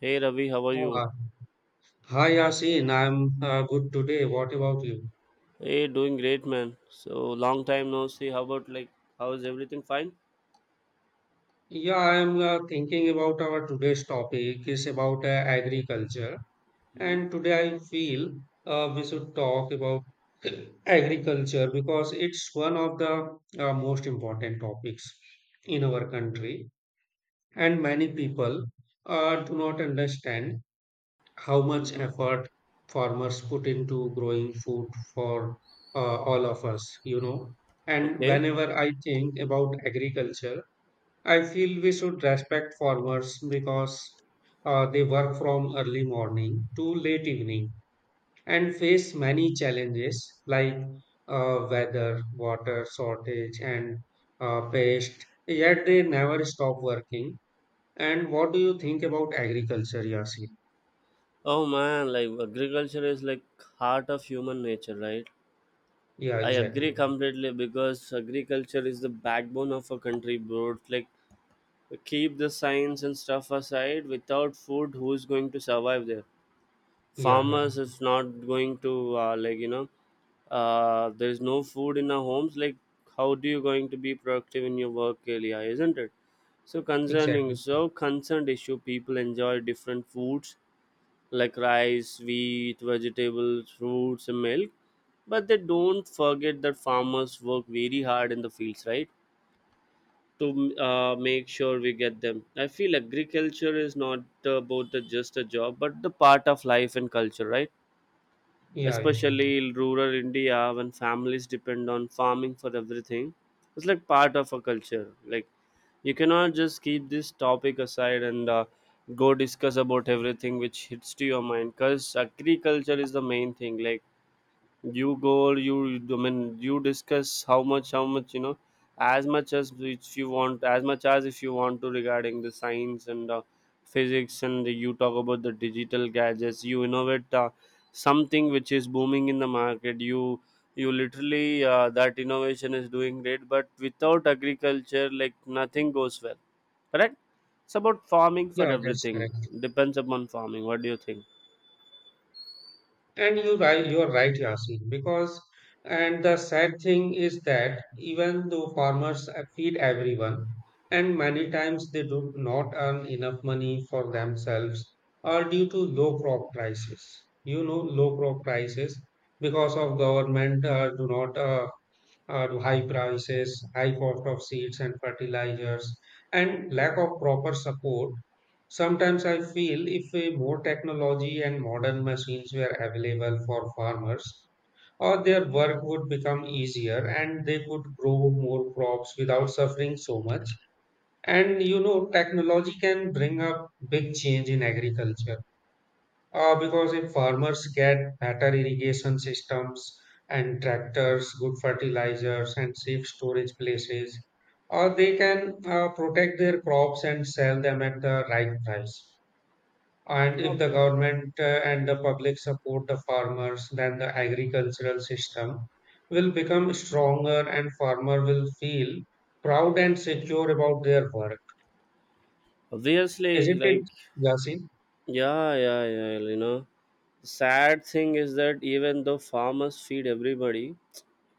Hey Ravi, how are you? Uh, Hi Yasin, I'm good today. What about you? Hey, doing great, man. So long time no see. How about, like, how is everything fine? Yeah, I'm thinking about our today's topic is about agriculture, Mm-hmm. and today I feel we should talk about agriculture because it's one of the most important topics in our country, and many people do not understand how much Hmm. effort farmers put into growing food for all of us. And Okay. whenever I think about agriculture, I feel we should respect farmers because they work from early morning to late evening and face many challenges like weather, water shortage, and pest, yet they never stop working. And what do you think about agriculture, Yasin? Oh man, like agriculture is like heart of human nature, right? Yeah, I agree exactly. completely because agriculture is the backbone of a country, bro. Like, keep the science and stuff aside. Without food, who's going to survive there? Yeah, yeah, Farmers is not going to, like there's no food in our homes, like how do you going to be productive in your work area, isn't it? Exactly. So concerned issue, people enjoy different foods like rice, wheat, vegetables, fruits and milk, but they don't forget that farmers work very hard in the fields, right, to make sure we get them. I feel agriculture is not just a job, but the part of life and culture, right? Yeah, yeah, Especially in rural India when families depend on farming for everything. It's like part of a culture. Like, you cannot just keep this topic aside and go discuss about everything which hits to your mind. Cause agriculture is the main thing. Like, you go you you- I mean, you discuss how much, as much as if you want, to regarding the science and physics, and you talk about the digital gadgets you innovate, something which is booming in the market. You, literally, that innovation is doing great, but without agriculture, like, nothing goes well. Correct. It's about farming for yeah, that's everything. correct. Depends upon farming. What do you think? And you right, you're right, Yasin, because and the sad thing is that even though farmers feed everyone, and many times they do not earn enough money for themselves or due to low crop prices. You know, low crop prices because of government do not to high prices, high cost of seeds and fertilizers, and lack of proper support. Sometimes I feel if more technology and modern machines were available for farmers, or their work would become easier and they could grow more crops without suffering so much. And you know, technology can bring up big change in agriculture because if farmers get better irrigation systems and tractors, good fertilizers, and safe storage places, they can protect their crops and sell them at the right price. And if the Obvious. government and the public support the farmers, then the agricultural system will become stronger and farmer will feel proud and secure about their work. Obviously, Isn't like, it, Yasin? yeah, yeah, yeah. Well, sad thing is that even though farmers feed everybody,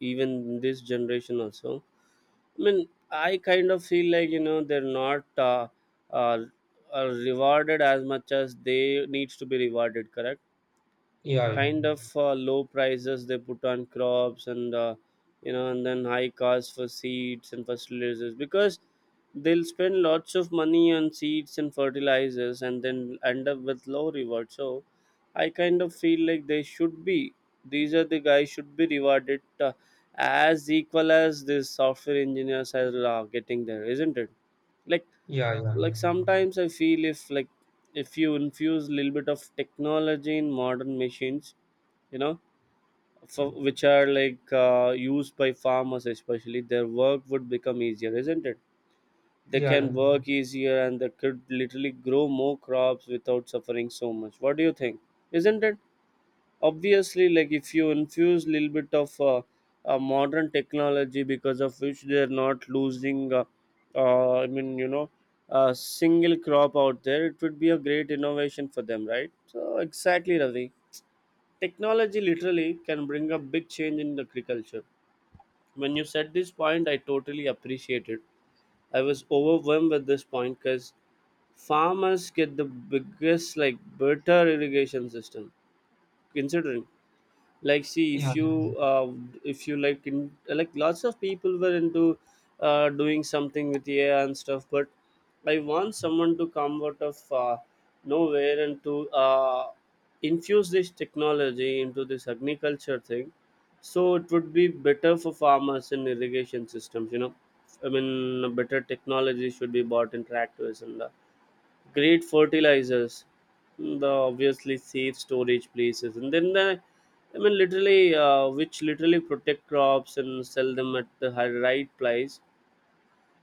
even this generation also, I mean, I kind of feel like they're not, uh, rewarded as much as they needs to be rewarded. Correct. Yeah, Kind of low prices they put on crops, and and then high costs for seeds and fertilizers, because they'll spend lots of money on seeds and fertilizers and then end up with low reward. So I kind of feel like they should be these are the guys should be rewarded as equal as these software engineers are getting there, isn't it? Like, yeah, yeah, sometimes I feel if, like, if you infuse a little bit of technology in modern machines, you know which are like used by farmers especially, their work would become easier, isn't it? They yeah, yeah, can work easier and they could literally grow more crops without suffering so much. What do you think? Isn't it? Obviously, like, if you infuse a little bit of, modern technology, because of which they're not losing, I mean, a single crop out there, it would be a great innovation for them, right? So exactly, Ravi. Technology literally can bring a big change in agriculture. When you said this point, I totally appreciate it. I was overwhelmed with this point because farmers get the biggest, like, better irrigation system. Considering, like, see, yeah, if yeah. you, if you, like, in, like, lots of people were into doing something with AI and stuff, but I want someone to come out of nowhere and to infuse this technology into this agriculture thing, so it would be better for farmers and irrigation systems. I mean, better technology should be bought in tractors and great fertilizers. Mm, the Obviously, safe storage places, and then the I mean, literally, which literally protect crops and sell them at the right price.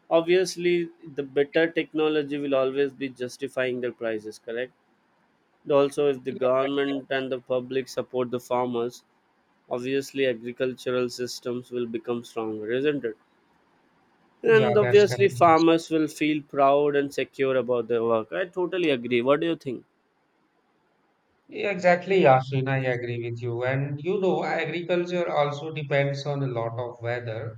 Obviously, the better technology will always be justifying their prices. Correct. Also, if the Yeah, that's government correct. and the public support the farmers, obviously agricultural systems will become stronger, isn't it? Yeah, And that's obviously correct. Yes. farmers will feel proud and secure about their work. I totally agree. What do you think? Yeah, exactly, Yasmin. I agree with you. And you know, agriculture also depends on a lot of weather.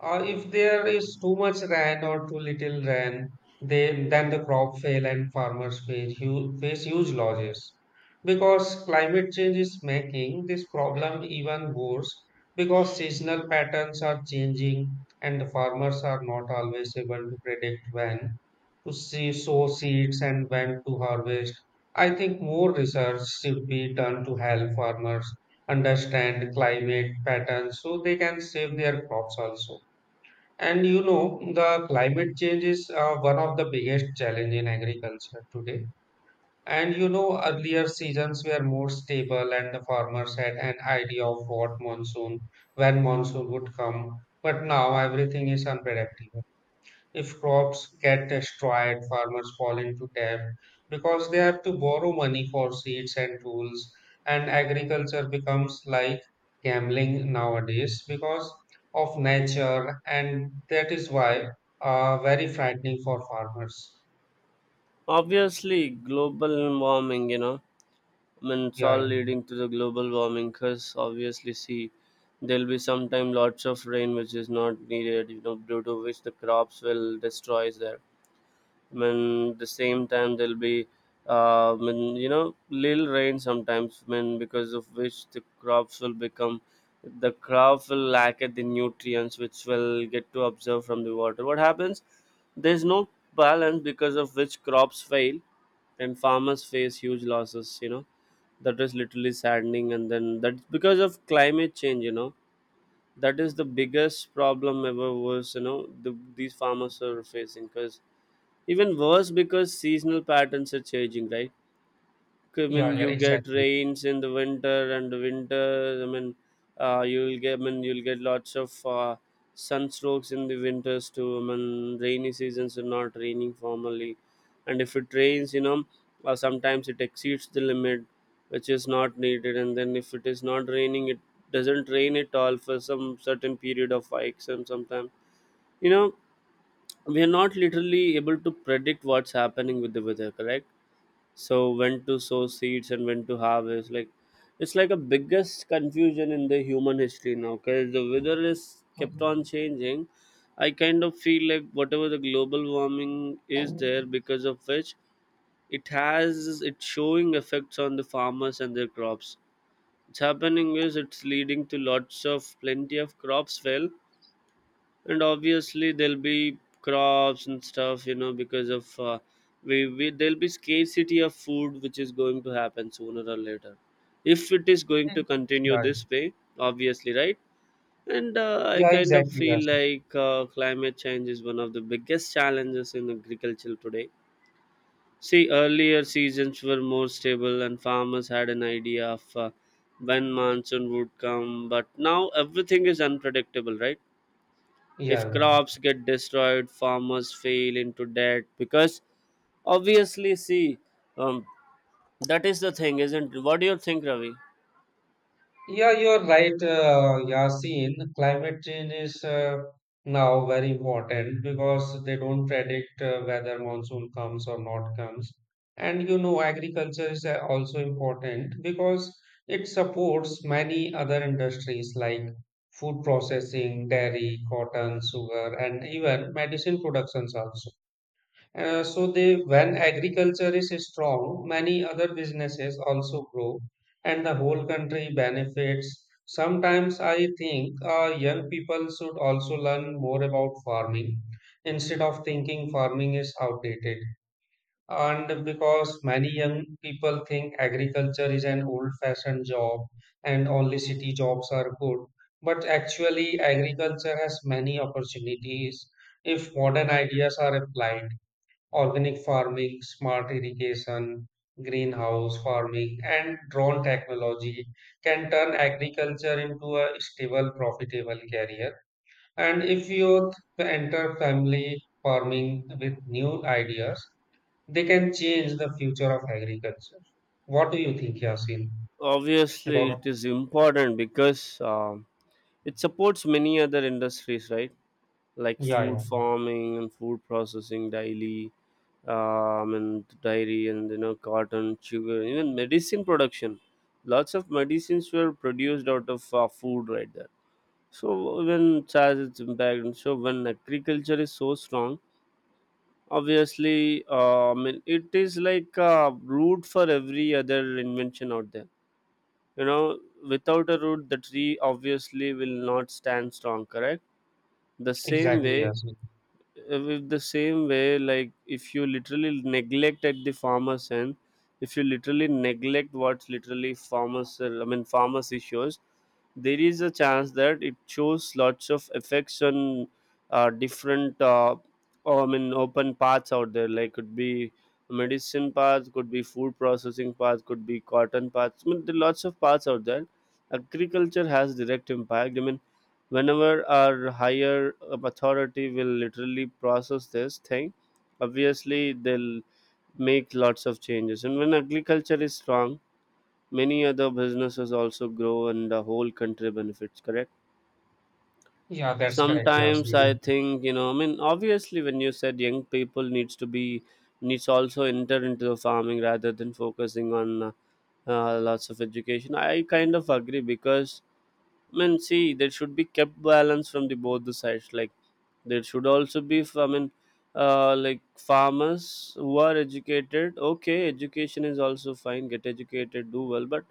If there is too much rain or too little rain, then the crop fail and face huge losses because climate change is making this problem even worse because seasonal patterns are changing and the farmers are not always able to predict when to sow seeds and when to harvest. I think more research should be done to help farmers understand climate patterns so they can save their crops also. And you know, the climate change is one of the biggest challenge in agriculture today. And you know, earlier seasons were more stable and the farmers had an idea of when monsoon would come. But now everything is unpredictable. If crops get destroyed, farmers fall into debt because they have to borrow money for seeds and tools. And agriculture becomes like gambling nowadays because of nature, and that is why very frightening for farmers. Obviously, global warming, I mean, it's all Yeah, leading to the global warming, because obviously, see, there'll be sometime lots of rain which is not needed, you know, due to which the crops will destroy there. When the same time there'll be, when, little rain sometimes, when because of which the crop will lack at the nutrients which will get to observe from the water. What happens, there's no balance, because of which crops fail and farmers face huge losses, you know. That is literally saddening, and then that's because of climate change, you know. That is the biggest problem ever was, you know, these farmers are facing, because even worse, because seasonal patterns are changing, right? 'Cause I yeah, mean, yeah, you get exactly. rains in the winter I mean, you'll get, lots of sunstrokes in the winters too. I mean, rainy seasons are not raining formally, and if it rains, you know, sometimes it exceeds the limit, which is not needed. And then if it is not raining, it doesn't rain at all for some certain period of weeks, and sometimes, you know, we are not literally able to predict what's happening with the weather, correct? So when to sow seeds and when to harvest, like, it's like a biggest confusion in the human history now, because the weather is kept on changing. I kind of feel like whatever the global warming is there, because of which it has, it's showing effects on the farmers and their crops. What's happening is it's leading to lots of plenty of crops fail, and obviously there'll be crops and stuff, you know, because of, we there'll be scarcity of food which is going to happen sooner or later if it is going to continue Yeah, this way. Obviously, right? And I yeah, kind of exactly. feel Yes. like climate change is one of the biggest challenges in agriculture today. See, earlier seasons were more stable, and farmers had an idea of when monsoon would come, but now everything is unpredictable, right? If Yeah, yeah. crops get destroyed, farmers fail into debt because obviously, see, um, that is the thing, isn't it? What do you think, Ravi? Yeah, you're right, Yasin. Climate change is now very important because they don't predict whether monsoon comes or not comes. And you know, agriculture is also important because it supports many other industries like food processing, dairy, cotton, sugar, and even medicine productions also. When agriculture is strong, many other businesses also grow, and the whole country benefits. Sometimes I think young people should also learn more about farming instead of thinking farming is outdated. And because many young people think agriculture is an old-fashioned job and only city jobs are good, but actually agriculture has many opportunities if modern ideas are applied: organic farming, smart irrigation, greenhouse farming, and drone technology can turn agriculture into a stable, profitable career. And if youth enter family farming with new ideas, they can change the future of agriculture. What do you think, Yasin? Obviously, About it is important because it supports many other industries, right? Like yeah, food yeah, farming and food processing, daily, and dairy, and you know, cotton, sugar, even medicine production. Lots of medicines were produced out of food, right? So when charge its impact, so when agriculture is so strong, obviously, I mean, it is like a root for every other invention out there. You know, without a root, the tree obviously will not stand strong. Correct. The same exactly, way, Yasin. With the same way, like, if you literally neglect at the farmer's end, if you literally neglect what's literally farmers, I mean, farmers issues, there is a chance that it shows lots of effects on, different, I mean, open paths out there, like, could be medicine paths, could be food processing paths, could be cotton paths. I mean, there are lots of paths out there. Agriculture has direct impact. I mean, whenever our higher up authority will literally process this thing, obviously they'll make lots of changes, and when agriculture is strong, many other businesses also grow, and the whole country benefits, correct? Yeah, that's correct, Sometimes I Yasin. think, you know, I mean, obviously when you said young people needs to be needs also enter into the farming rather than focusing on, lots of education, I kind of agree, because I mean, see, there should be kept balance from the both the sides. Like, there should also be, I mean, like farmers who are educated. Okay, education is also fine. Get educated, do well, but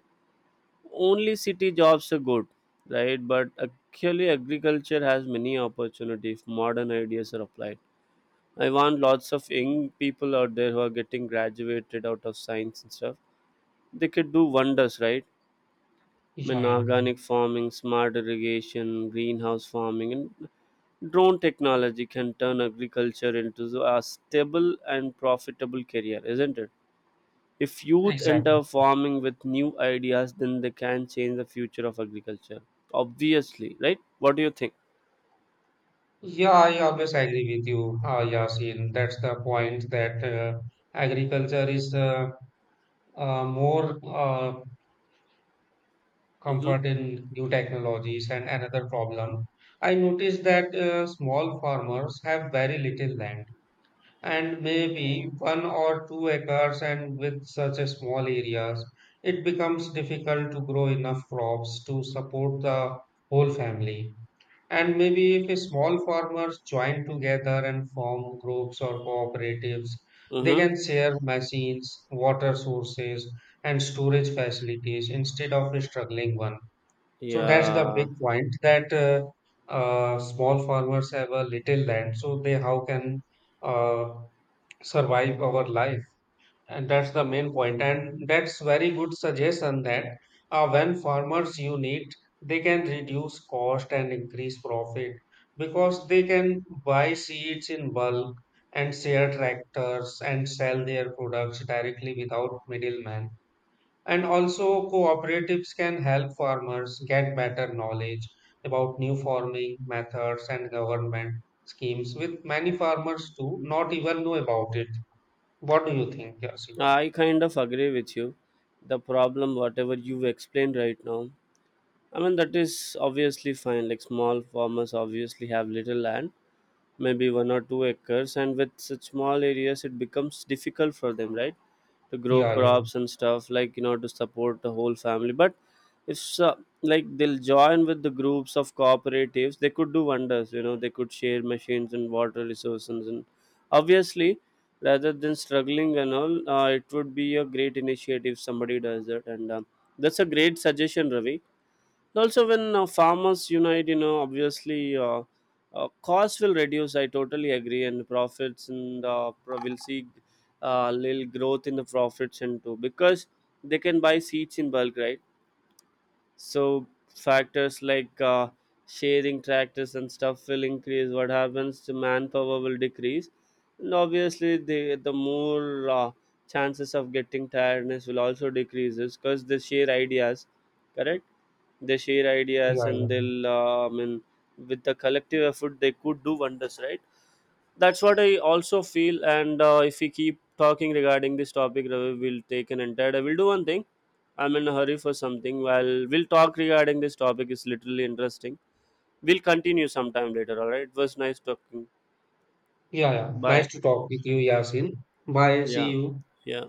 only city jobs are good, right? But actually, agriculture has many opportunity if modern ideas are applied. I want lots of young people out there who are getting graduated out of science and stuff. They could do wonders, right? I mean, Yeah, yeah, organic farming, smart irrigation, greenhouse farming, and drone technology can turn agriculture into a stable and profitable career, isn't it? If youth exactly. enter farming with new ideas, then they can change the future of agriculture. Obviously, right? What do you think? Yeah, I always agree with you, Yasin. That's the point that agriculture is more Mm-hmm. comfort in new technologies. And another problem, I noticed that small farmers have very little land and maybe 1 or 2 acres. And with such a small areas, it becomes difficult to grow enough crops to support the whole family. And maybe if small farmers join together and form groups or cooperatives, they Mm-hmm. can share machines, water sources, and storage facilities instead of struggling one. So that's the Yeah, big point that small farmers have a little land, so they how can uh, survive our life? And that's the main point, and that's very good suggestion that when farmers unit, they can reduce cost and increase profit because they can buy seeds in bulk and share tractors and sell their products directly without middlemen. And also, cooperatives can help farmers get better knowledge about new farming methods and government schemes, with many farmers do not even know about it. What do you think, Yasin? I kind of agree with you. The problem, whatever you've explained right now, I mean, that is obviously fine. Like, small farmers obviously have little land, maybe 1 or 2 acres, and with such small areas, it becomes difficult for them, right, to grow Yeah, yeah, crops and stuff, like, you know, to support the whole family. But if so, like, they'll join with the groups of cooperatives, they could do wonders, you know. They could share machines and water resources, and obviously rather than struggling and all, it would be a great initiative if somebody does it. And that's a great suggestion, Ravi. Also, when farmers unite, obviously, costs will reduce, I totally agree. And profits, and will see little growth in the profits and too, because they can buy seeds in bulk, right? So factors like sharing tractors and stuff will increase. What happens, the manpower will decrease, and obviously the more, chances of getting tiredness will also decreases, because they share ideas, correct? They share yeah, ideas, and yeah, they'll, I mean, with the collective effort they could do wonders, right? That's what I also feel. And if we keep talking regarding this topic, Ravi, we'll take an entire, I will do one thing, I'm in a hurry for something, while we'll talk regarding this topic is literally interesting. We'll continue sometime later. All right, it was nice talking. yeah, yeah. Nice Bye. to talk with you, Yasin. Bye. See Yeah. you. Yeah.